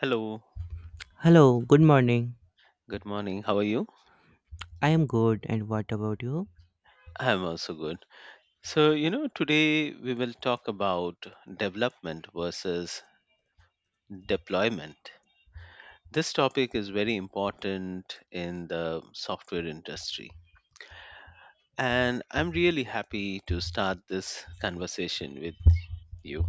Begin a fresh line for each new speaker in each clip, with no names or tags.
Hello,
Hello, good morning.
good morning. How are you?
I am good, and what about you?
I'm also good. Today we will talk about development versus deployment. This topic is very important in the software industry. And I'm really happy to start this conversation with you.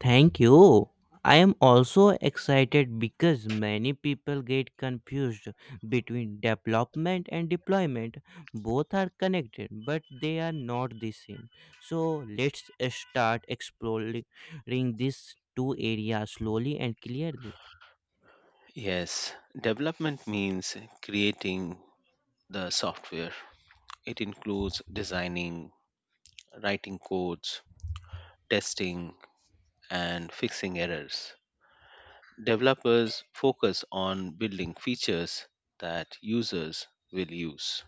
Thank you. I am also excited because many people get confused between development and deployment. Both are connected, but they are not the same. So, let's start exploring these two areas slowly and clearly.
Yes, development means creating the software. It includes designing, writing codes, testing, and fixing errors. Developers focus on building features that users will use.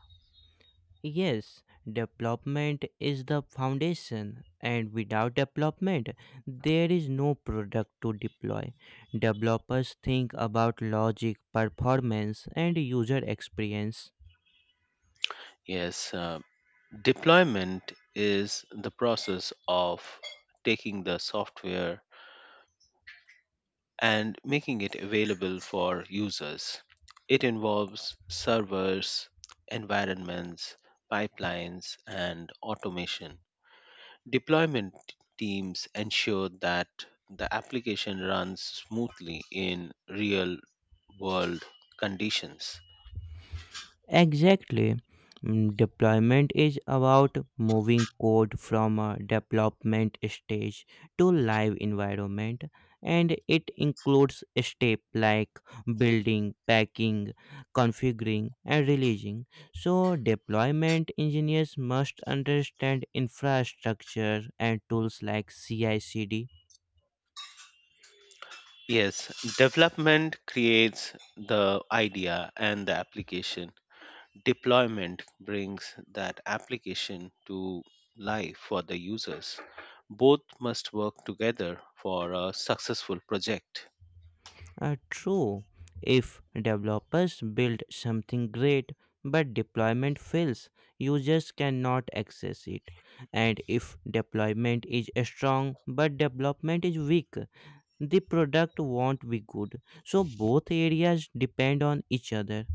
Yes, development is the foundation, and without development, there is no product to deploy. Developers think about logic, performance, and user experience.
Yes, deployment is the process of taking the software and making it available for users. It involves servers, environments, pipelines, and automation. Deployment teams ensure that the application runs smoothly in real world conditions.
Exactly. Deployment is about moving code from a development stage to live environment, and it includes steps like building, packing, configuring and releasing. So deployment engineers must understand infrastructure and tools like CI/CD.
Yes, development creates the idea and the application. Deployment brings that application to life for the users. Both must work together for a successful project.
True, if developers build something great but deployment fails, users cannot access it. And if deployment is strong but development is weak, the product won't be good. So both areas depend on each other.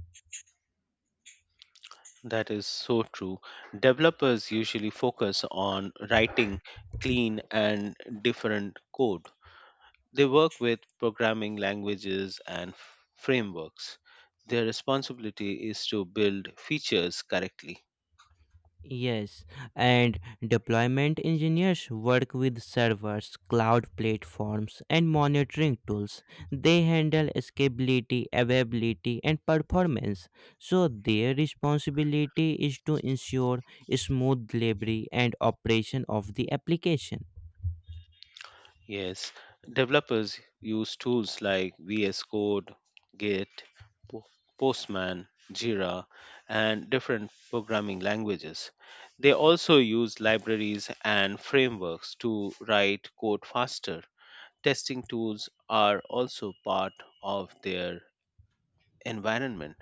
That is so true. Developers usually focus on writing clean and different code. They work with programming languages and frameworks. Their responsibility is to build features correctly.
Yes, and deployment engineers work with servers, cloud platforms, and monitoring tools. They handle scalability, availability, and performance. So, their responsibility is to ensure smooth delivery and operation of the application.
Yes, developers use tools like VS Code, Git, Po- Postman, Jira, and different programming languages. They also use libraries and frameworks to write code faster. Testing tools are also part of their environment.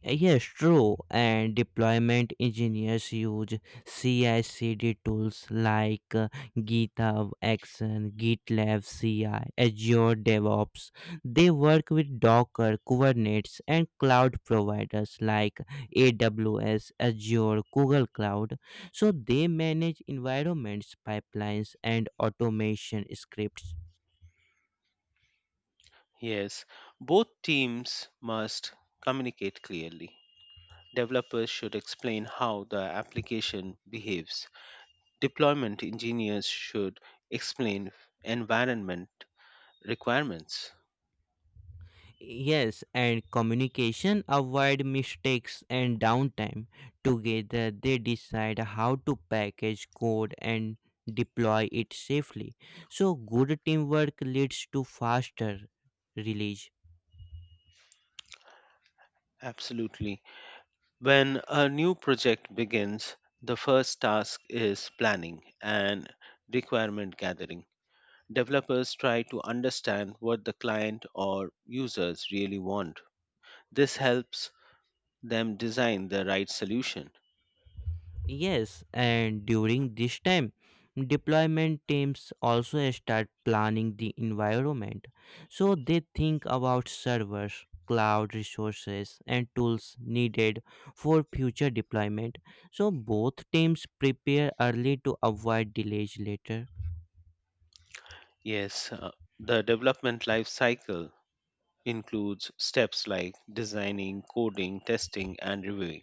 Yes, true. And deployment engineers use CI/CD tools like GitHub Action, GitLab CI, Azure DevOps. They work with Docker, Kubernetes, and cloud providers like AWS, Azure, Google Cloud. So they manage environments, pipelines, and automation scripts.
Yes, both teams must communicate clearly. Developers should explain how the application behaves. Deployment engineers should explain environment requirements.
Yes, and communication avoid mistakes and downtime. Together they decide how to package code and deploy it safely. So good teamwork leads to faster release.
Absolutely. When a new project begins, the first task is planning and requirement gathering. Developers try to understand what the client or users really want. This helps them design the right solution.
Yes, and during this time, deployment teams also start planning the environment. So they think about servers, cloud resources, and tools needed for future deployment. So both teams prepare early to avoid delays later.
Yes, the development life cycle includes steps like designing, coding, testing, and reviewing.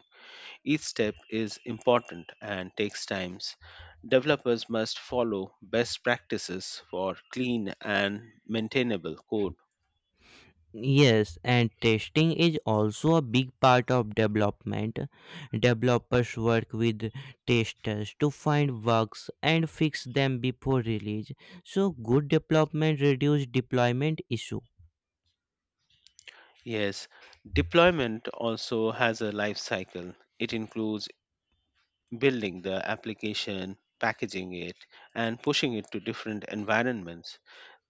Each step is important and takes times. Developers must follow best practices for clean and maintainable code.
Yes, and testing is also a big part of development. Developers work with testers to find bugs and fix them before release. So, good development reduces deployment issue.
Yes, deployment also has a life cycle. It includes building the application, packaging it, and pushing it to different environments.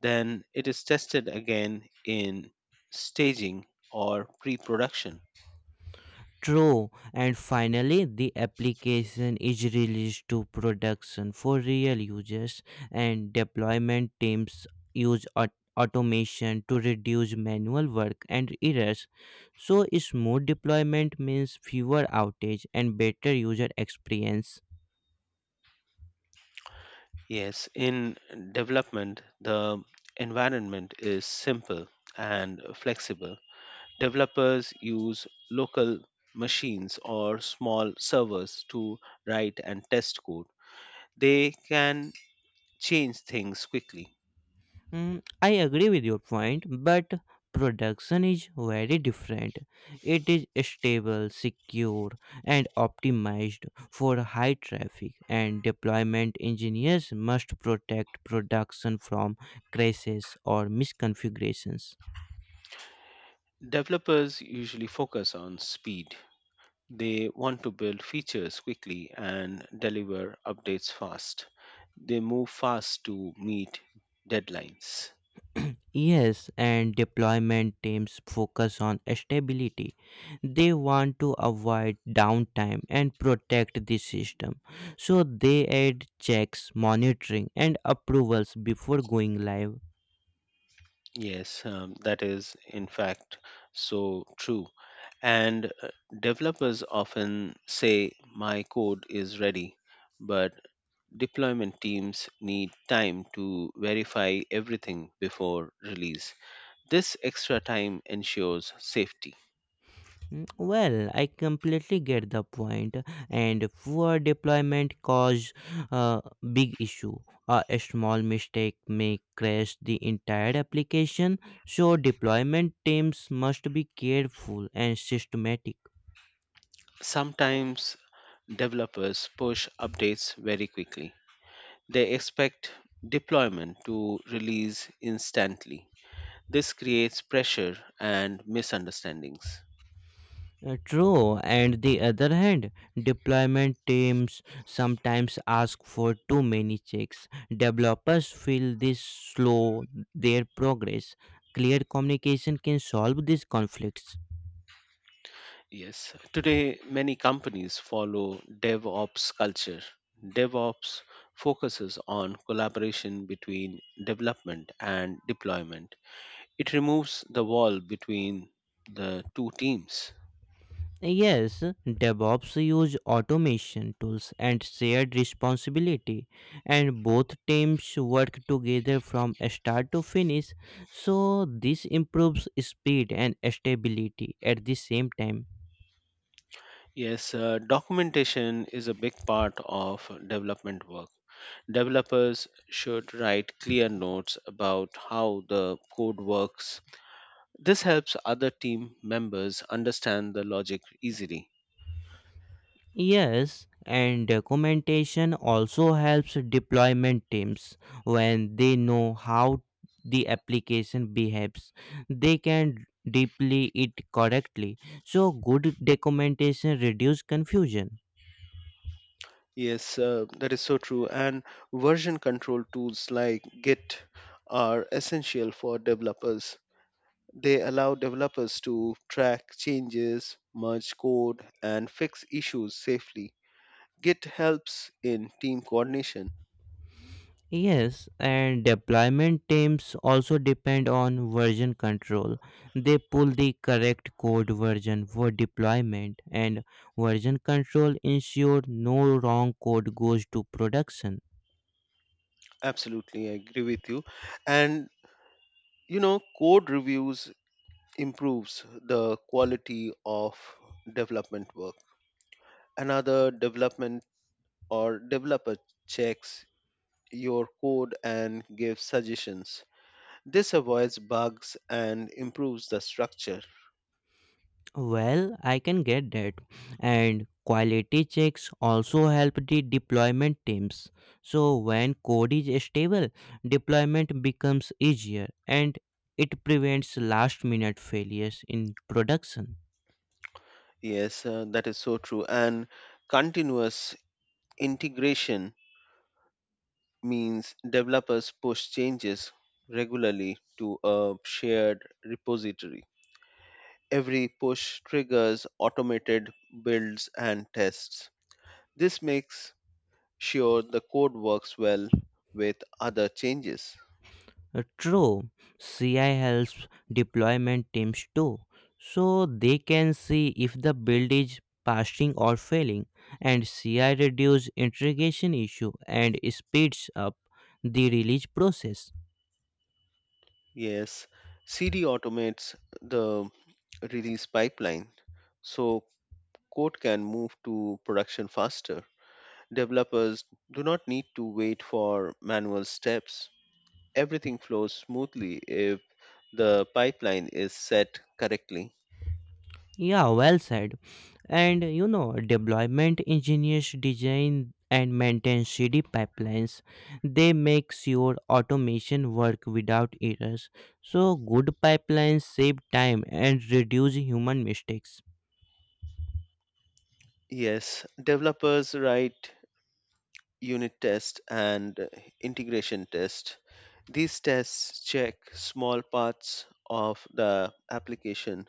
Then it is tested again in staging or pre production.
True, and finally, the application is released to production for real users, and deployment teams use automation to reduce manual work and errors. So, smooth deployment means fewer outage and better user experience.
Yes, in development, the environment is simple and flexible. Developers use local machines or small servers to write and test code. They can change things quickly.
I agree with your point, but production is very different. It is stable, secure, and optimized for high traffic, and deployment engineers must protect production from crashes or misconfigurations.
Developers usually focus on speed. They want to build features quickly and deliver updates fast. They move fast to meet deadlines.
Yes, and deployment teams focus on stability. They want to avoid downtime and protect the system. So they add checks, monitoring, and approvals before going live.
Yes, that is in fact so true. And developers often say, "My code is ready," but deployment teams need time to verify everything before release. This extra time ensures safety.
Well, I completely get the point, and poor deployment cause a big issue. A small mistake may crash the entire application, so deployment teams must be careful and systematic.
Sometimes developers push updates very quickly, they expect deployment to release instantly. This creates pressure and misunderstandings.
True, and the other hand, deployment teams sometimes ask for too many checks. Developers feel this slow their progress. Clear communication can solve these conflicts.
Yes, today many companies follow DevOps culture. DevOps focuses on collaboration between development and deployment. It removes the wall between the two teams.
Yes, DevOps use automation tools and shared responsibility, and both teams work together from start to finish. So this improves speed and stability at the same time.
Yes, documentation is a big part of development work. Developers should write clear notes about how the code works. This helps other team members understand the logic easily.
Yes, and documentation also helps deployment teams when they know how the application behaves. They can deploy it correctly. So good documentation reduces confusion.
Yes, that is so true. And version control tools like Git are essential for developers. They allow developers to track changes, merge code, and fix issues safely. Git helps in team coordination.
Yes, and deployment teams also depend on version control. They pull the correct code version for deployment, and version control ensure no wrong code goes to production.
Absolutely, I agree with you. And Code reviews improves the quality of development work. Another development or developer checks your code and give suggestions. This avoids bugs and improves the structure.
Well, I can get that. And quality checks also help the deployment teams. So when code is stable, deployment becomes easier, and it prevents last minute failures in production.
Yes, that is so true. And continuous integration means developers push changes regularly to a shared repository. Every push triggers automated builds and tests. This makes sure the code works well with other changes.
True, CI helps deployment teams too. So they can see if the build is passing or failing, and CI reduces integration issue and speeds up the release process.
Yes, CD automates the release pipeline so code can move to production faster. Developers do not need to wait for manual steps. Everything flows smoothly if the pipeline is set correctly.
Yeah, well said. And deployment engineers design and maintain CD pipelines. They make sure automation work without errors. So good pipelines save time and reduce human mistakes.
Yes, developers write unit test and integration test. These tests check small parts of the application.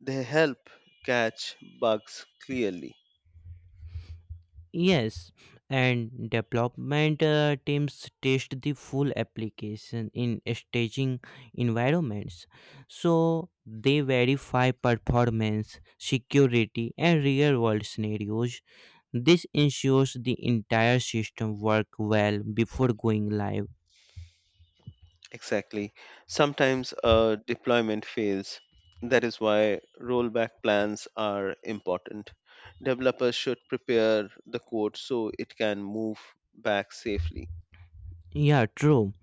They help catch bugs clearly.
Yes, and development teams test the full application in staging environments. So they verify performance, security, and real world scenarios. This ensures the entire system work well before going live.
Exactly. Sometimes a deployment fails. That is why rollback plans are important. Developers should prepare the code so it can move back safely.
Yeah, true.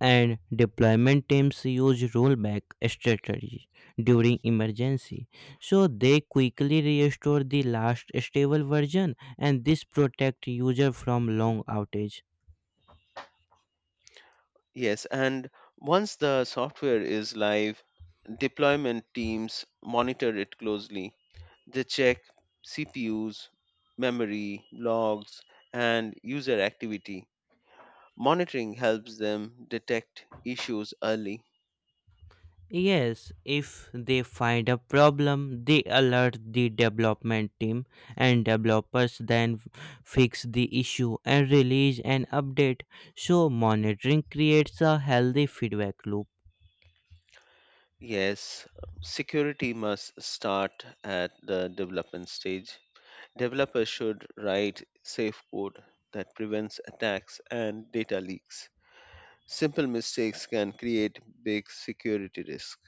And deployment teams use rollback strategies during emergency, so they quickly restore the last stable version, and this protect user from long outage.
Yes, and once the software is live, deployment teams monitor it closely. They check CPUs, memory, logs, and user activity. Monitoring helps them detect issues early.
Yes, if they find a problem, they alert the development team, and developers then fix the issue and release an update. So, monitoring creates a healthy feedback loop.
Yes, security must start at the development stage. Developers should write safe code that prevents attacks and data leaks. Simple mistakes can create big security risk.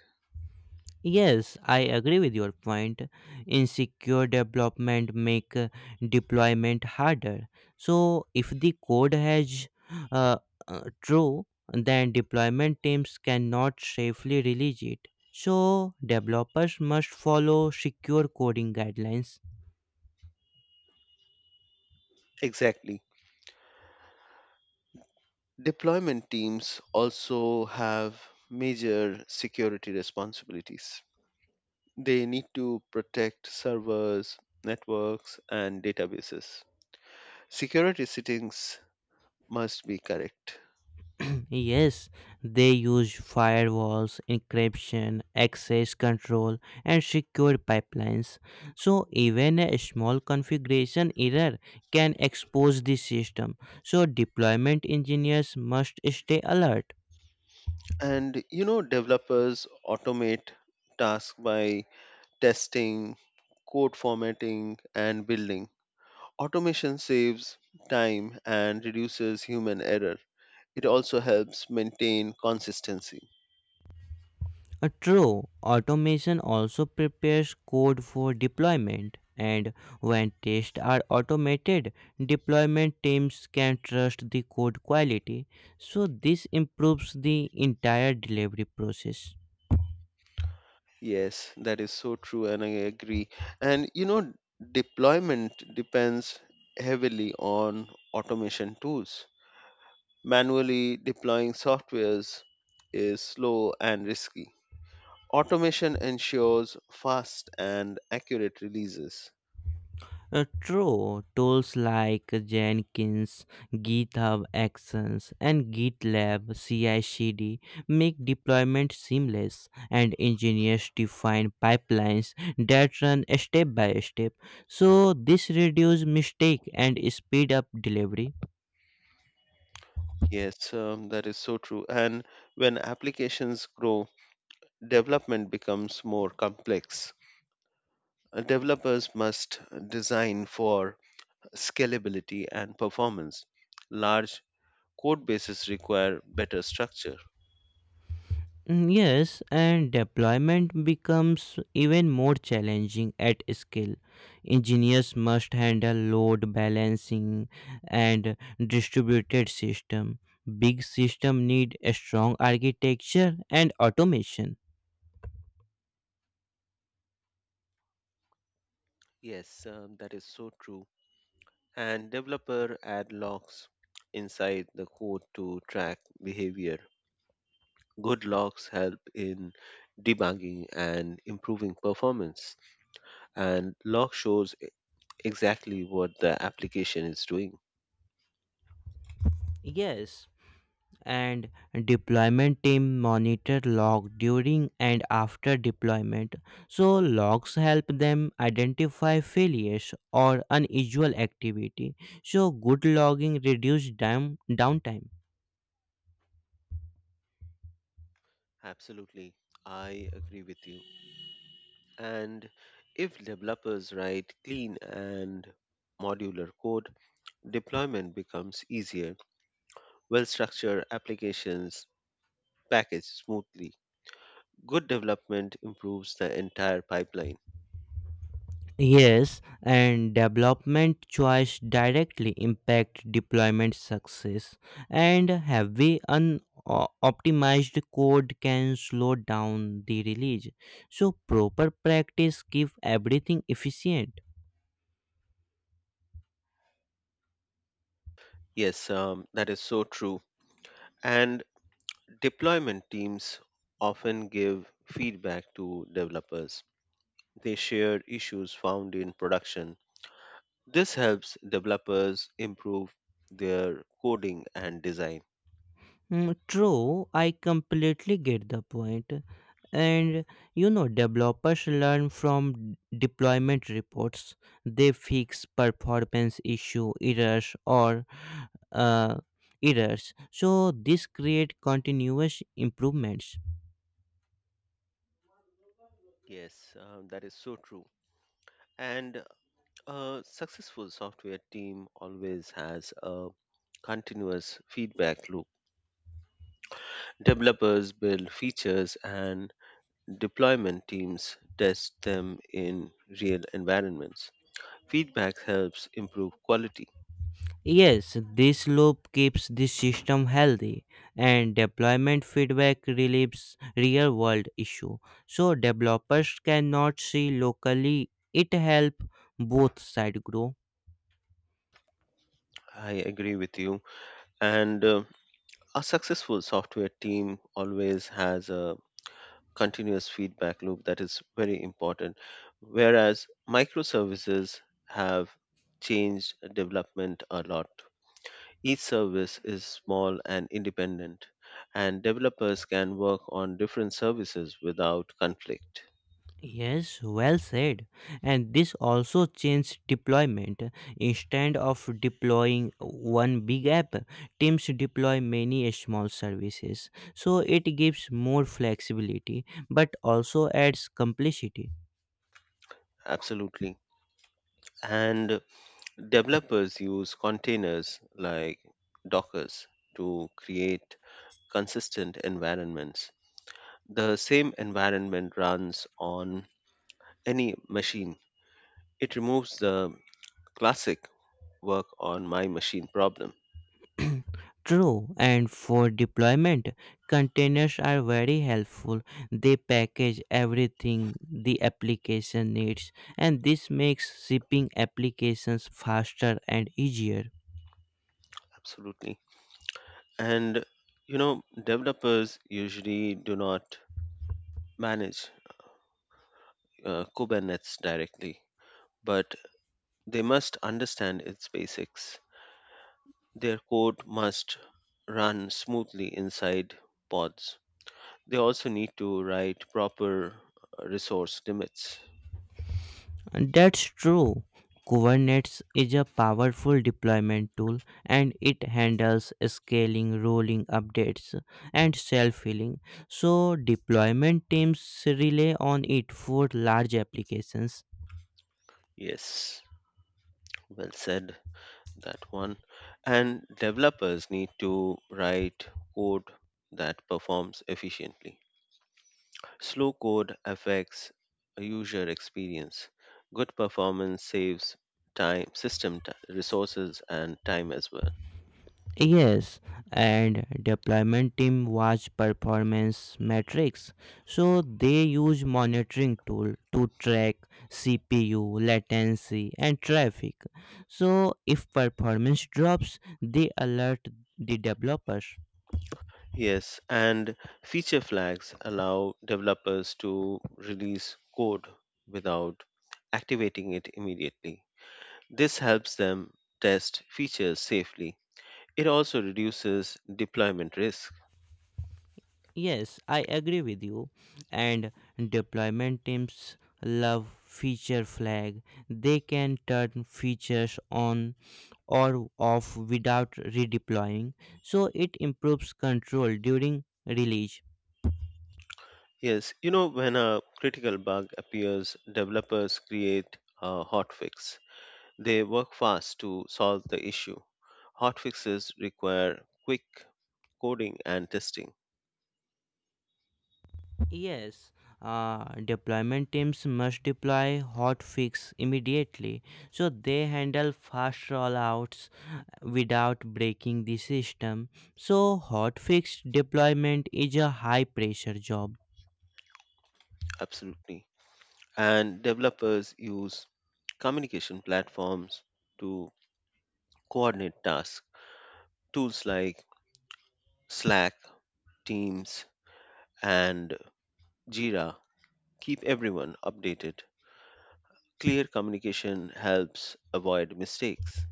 Yes, I agree with your point. Insecure development make deployment harder. So if the code has uh, true, then deployment teams cannot safely release it. So developers must follow secure coding guidelines.
Exactly. Deployment teams also have major security responsibilities. They need to protect servers, networks, and databases. Security settings must be correct.
Yes, they use firewalls, encryption, access control, and secure pipelines. So, even a small configuration error can expose the system. So, deployment engineers must stay alert.
Developers automate tasks by testing, code formatting, and building. Automation saves time and reduces human error. It also helps maintain consistency.
True, automation also prepares code for deployment, and when tests are automated, deployment teams can trust the code quality. So, this improves the entire delivery process.
Yes, that is so true, and I agree. And you know, Deployment depends heavily on automation tools. Manually deploying softwares is slow and risky. Automation ensures fast and accurate releases.
True, tools like Jenkins, GitHub Actions, and GitLab CI/CD make deployment seamless, and engineers define pipelines that run step by step. So this reduces mistake and speed up delivery.
Yes, that is so true. And when applications grow, development becomes more complex. Developers must design for scalability and performance. Large code bases require better structure.
Yes, and deployment becomes even more challenging at scale. Engineers must handle load balancing and distributed system. Big system need a strong architecture and automation.
Yes, that is so true. And developer add logs inside the code to track behavior. Good logs help in debugging and improving performance, and log shows exactly what the application is doing.
Yes, and deployment team monitor log during and after deployment, so logs help them identify failures or unusual activity. So good logging reduce downtime.
Absolutely, I agree with you. And if developers write clean and modular code, deployment becomes easier. Well structured applications package smoothly. Good development improves the entire pipeline.
Yes, and development choice directly impact deployment success, and heavy unoptimized code can slow down the release. So proper practice keep everything efficient.
Yes, that is so true. And deployment teams often give feedback to developers. They share issues found in production. This helps developers improve their coding and design.
True, I completely get the point. And developers learn from deployment reports. They fix performance issue errors or uh, errors. So this create continuous improvements.
Yes, that is so true. And a successful software team always has a continuous feedback loop. Developers build features and deployment teams test them in real environments. Feedback helps improve quality.
Yes, this loop keeps the system healthy, and deployment feedback relieves real world issue. So developers cannot see locally, it help both side grow.
I agree with you. And a successful software team always has a continuous feedback loop, that is very important. Whereas microservices have changed development a lot. Each service is small and independent, and developers can work on different services without conflict.
Yes, well said. And this also changes deployment. Instead of deploying one big app, teams deploy many small services. So it gives more flexibility but also adds complexity.
Absolutely. And developers use containers like Dockers to create consistent environments. The same environment runs on any machine. It removes the classic work on my machine problem.
True, and for deployment, containers are very helpful. They package everything the application needs, and this makes shipping applications faster and easier.
Absolutely. And Developers usually do not manage Kubernetes directly, but they must understand its basics. Their code must run smoothly inside pods. They also need to write proper resource limits.
That's true. Kubernetes is a powerful deployment tool, and it handles scaling, rolling updates, and self healing. So, deployment teams rely on it for large applications.
Yes, well said, that one. And developers need to write code that performs efficiently. Slow code affects user experience. Good performance saves time, system resources, and time as well.
Yes, and deployment team watch performance metrics. So they use monitoring tool to track CPU, latency and traffic. So if performance drops, they alert the developers.
Yes, and feature flags allow developers to release code without activating it immediately. This helps them test features safely. It also reduces deployment risk.
Yes, I agree with you. And deployment teams love feature flag. They can turn features on or off without redeploying, so it improves control during release.
Yes, you know, when a critical bug appears, developers create a hotfix. They work fast to solve the issue. Hotfixes require quick coding and testing,
Yes, deployment teams must deploy hotfix immediately, so they handle fast rollouts without breaking the system. So hotfix deployment is a high pressure job.
absolutely. And developers use communication platforms to coordinate tasks. Tools like Slack, Teams, and Jira keep everyone updated. Clear communication helps avoid mistakes.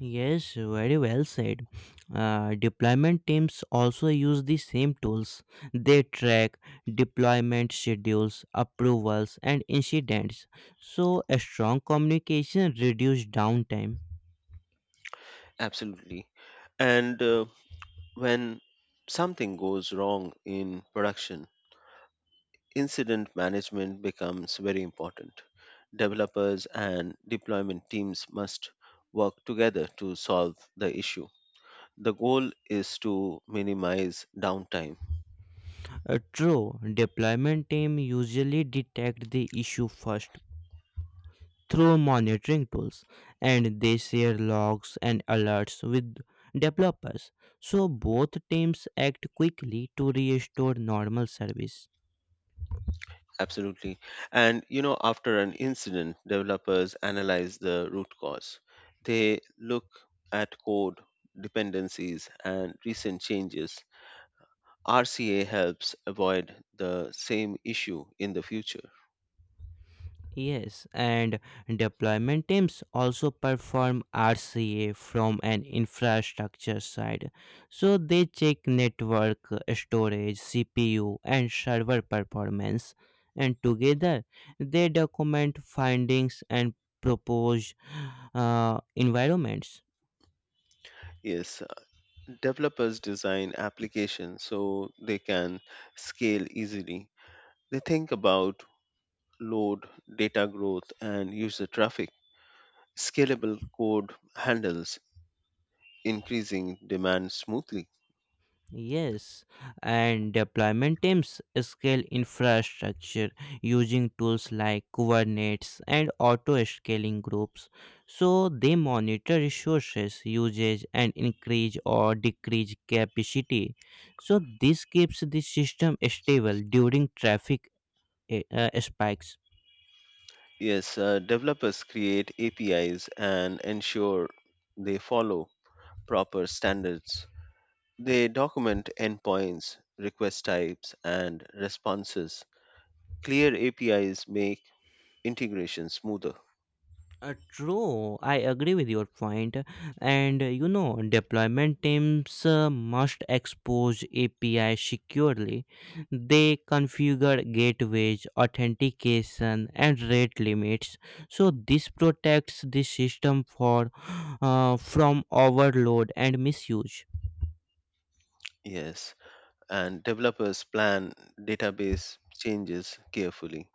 Yes, very well said. Deployment teams also use the same tools. They track deployment schedules, approvals, and incidents. So, a strong communication reduces downtime.
Absolutely. And when something goes wrong in production, incident management becomes very important. Developers and deployment teams must work together to solve the issue. The goal is to minimize downtime.
True, deployment team usually detect the issue first through monitoring tools, and they share logs and alerts with developers. So, both teams act quickly to restore normal service.
Absolutely. After an incident, developers analyze the root cause. They look at code dependencies and recent changes. RCA helps avoid the same issue in the future.
Yes, and deployment teams also perform RCA from an infrastructure side. So they check network, storage, CPU, and server performance. And together, they document findings and propose environments.
Yes, developers design applications so they can scale easily. They think about load, data growth, and user traffic. Scalable code handles increasing demand smoothly.
Yes, and deployment teams scale infrastructure using tools like Kubernetes and auto scaling groups. So they monitor resources usage and increase or decrease capacity. So this keeps the system stable during traffic spikes.
Yes, developers create APIs and ensure they follow proper standards. They document endpoints, request types, and responses. Clear APIs make integration smoother.
True, I agree with your point. And deployment teams must expose API securely. They configure gateways, authentication, and rate limits. So this protects the system for from overload and misuse.
Yes, and developers plan database changes carefully.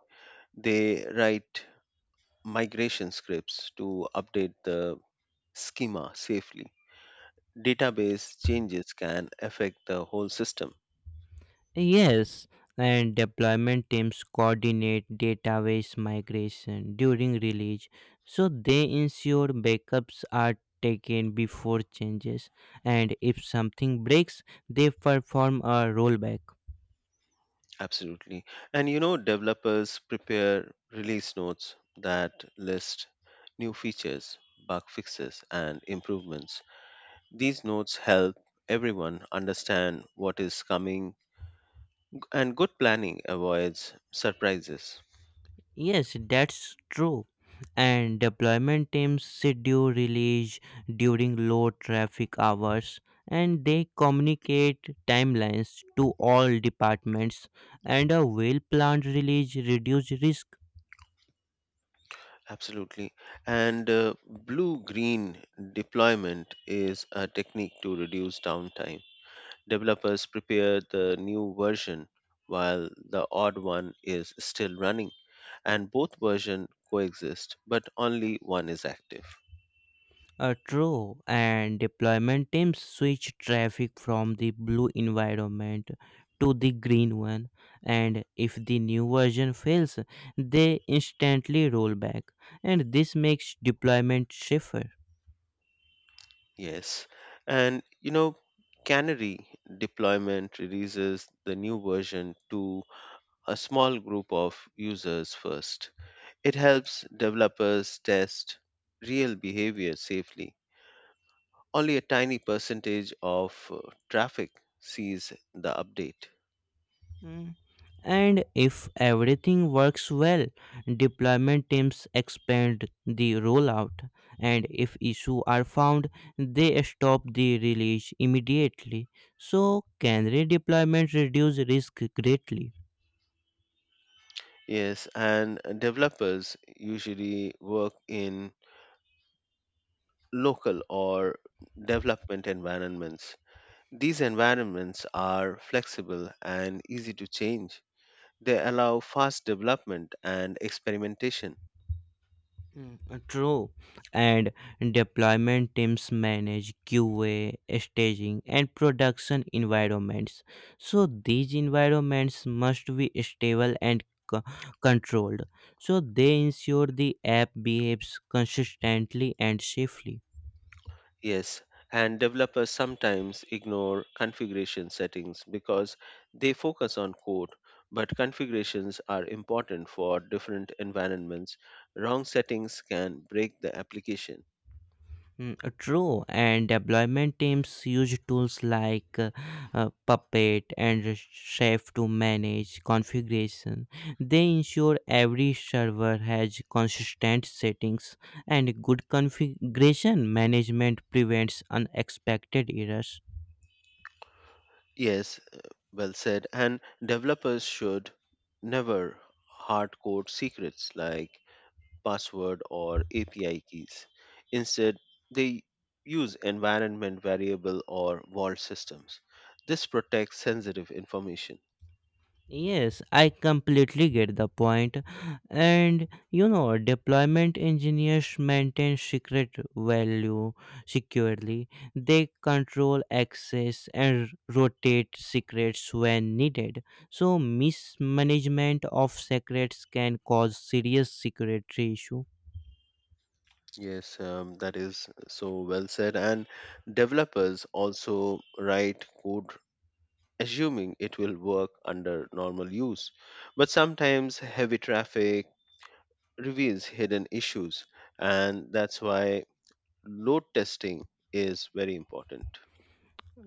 They write migration scripts to update the schema safely. Database changes can affect the whole system.
Yes, and deployment teams coordinate database migration during release, so they ensure backups are taken before changes, and if something breaks, they perform a rollback.
Absolutely. Developers prepare release notes that list new features, bug fixes, and improvements. These notes help everyone understand what is coming, and good planning avoids surprises.
Yes, that's true. And deployment teams schedule release during low traffic hours, and they communicate timelines to all departments, and a well planned release reduces risk.
Absolutely. And blue green deployment is a technique to reduce downtime. Developers prepare the new version while the odd one is still running. And both versions coexist, but only one is active.
True, and deployment teams switch traffic from the blue environment to the green one, and if the new version fails, they instantly roll back, and this makes deployment safer.
Yes. And you know, Canary deployment releases the new version to a small group of users first. It helps developers test real behavior safely. Only a tiny percentage of traffic sees the update.
Mm. And if everything works well, deployment teams expand the rollout, and if issues are found, they stop the release immediately. So, can redeployment reduce risk greatly?
Yes, and developers usually work in local or development environments. These environments are flexible and easy to change. They allow fast development and experimentation.
True, and deployment teams manage QA, staging, and production environments. So these environments must be stable and controlled. So they ensure the app behaves consistently and safely.
Yes, and developers sometimes ignore configuration settings because they focus on code, but configurations are important for different environments. Wrong settings can break the application.
True, and deployment teams use tools like Puppet and Chef to manage configuration. They ensure every server has consistent settings, and good configuration management prevents unexpected errors.
Yes, well said. And developers should never hard code secrets like password, or API keys. Instead, they use environment variable or vault systems. This protects sensitive information.
Yes, I completely get the point. And deployment engineers maintain secret value securely. They control access and rotate secrets when needed. So mismanagement of secrets can cause serious security issue.
Yes, that is so well said. And developers also write code assuming it will work under normal use. But sometimes heavy traffic reveals hidden issues, and that's why load testing is very important.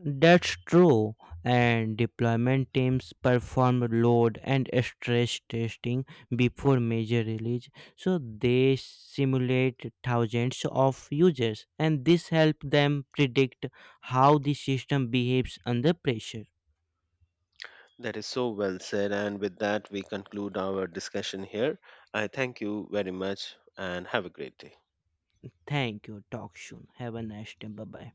That's true. And deployment teams perform load and stress testing before major release. So they simulate thousands of users, and this helps them predict how the system behaves under pressure.
That is so well said. And with that, we conclude our discussion here. I thank you very much and have a great day.
Thank you. Talk soon. Have a nice day. Bye bye.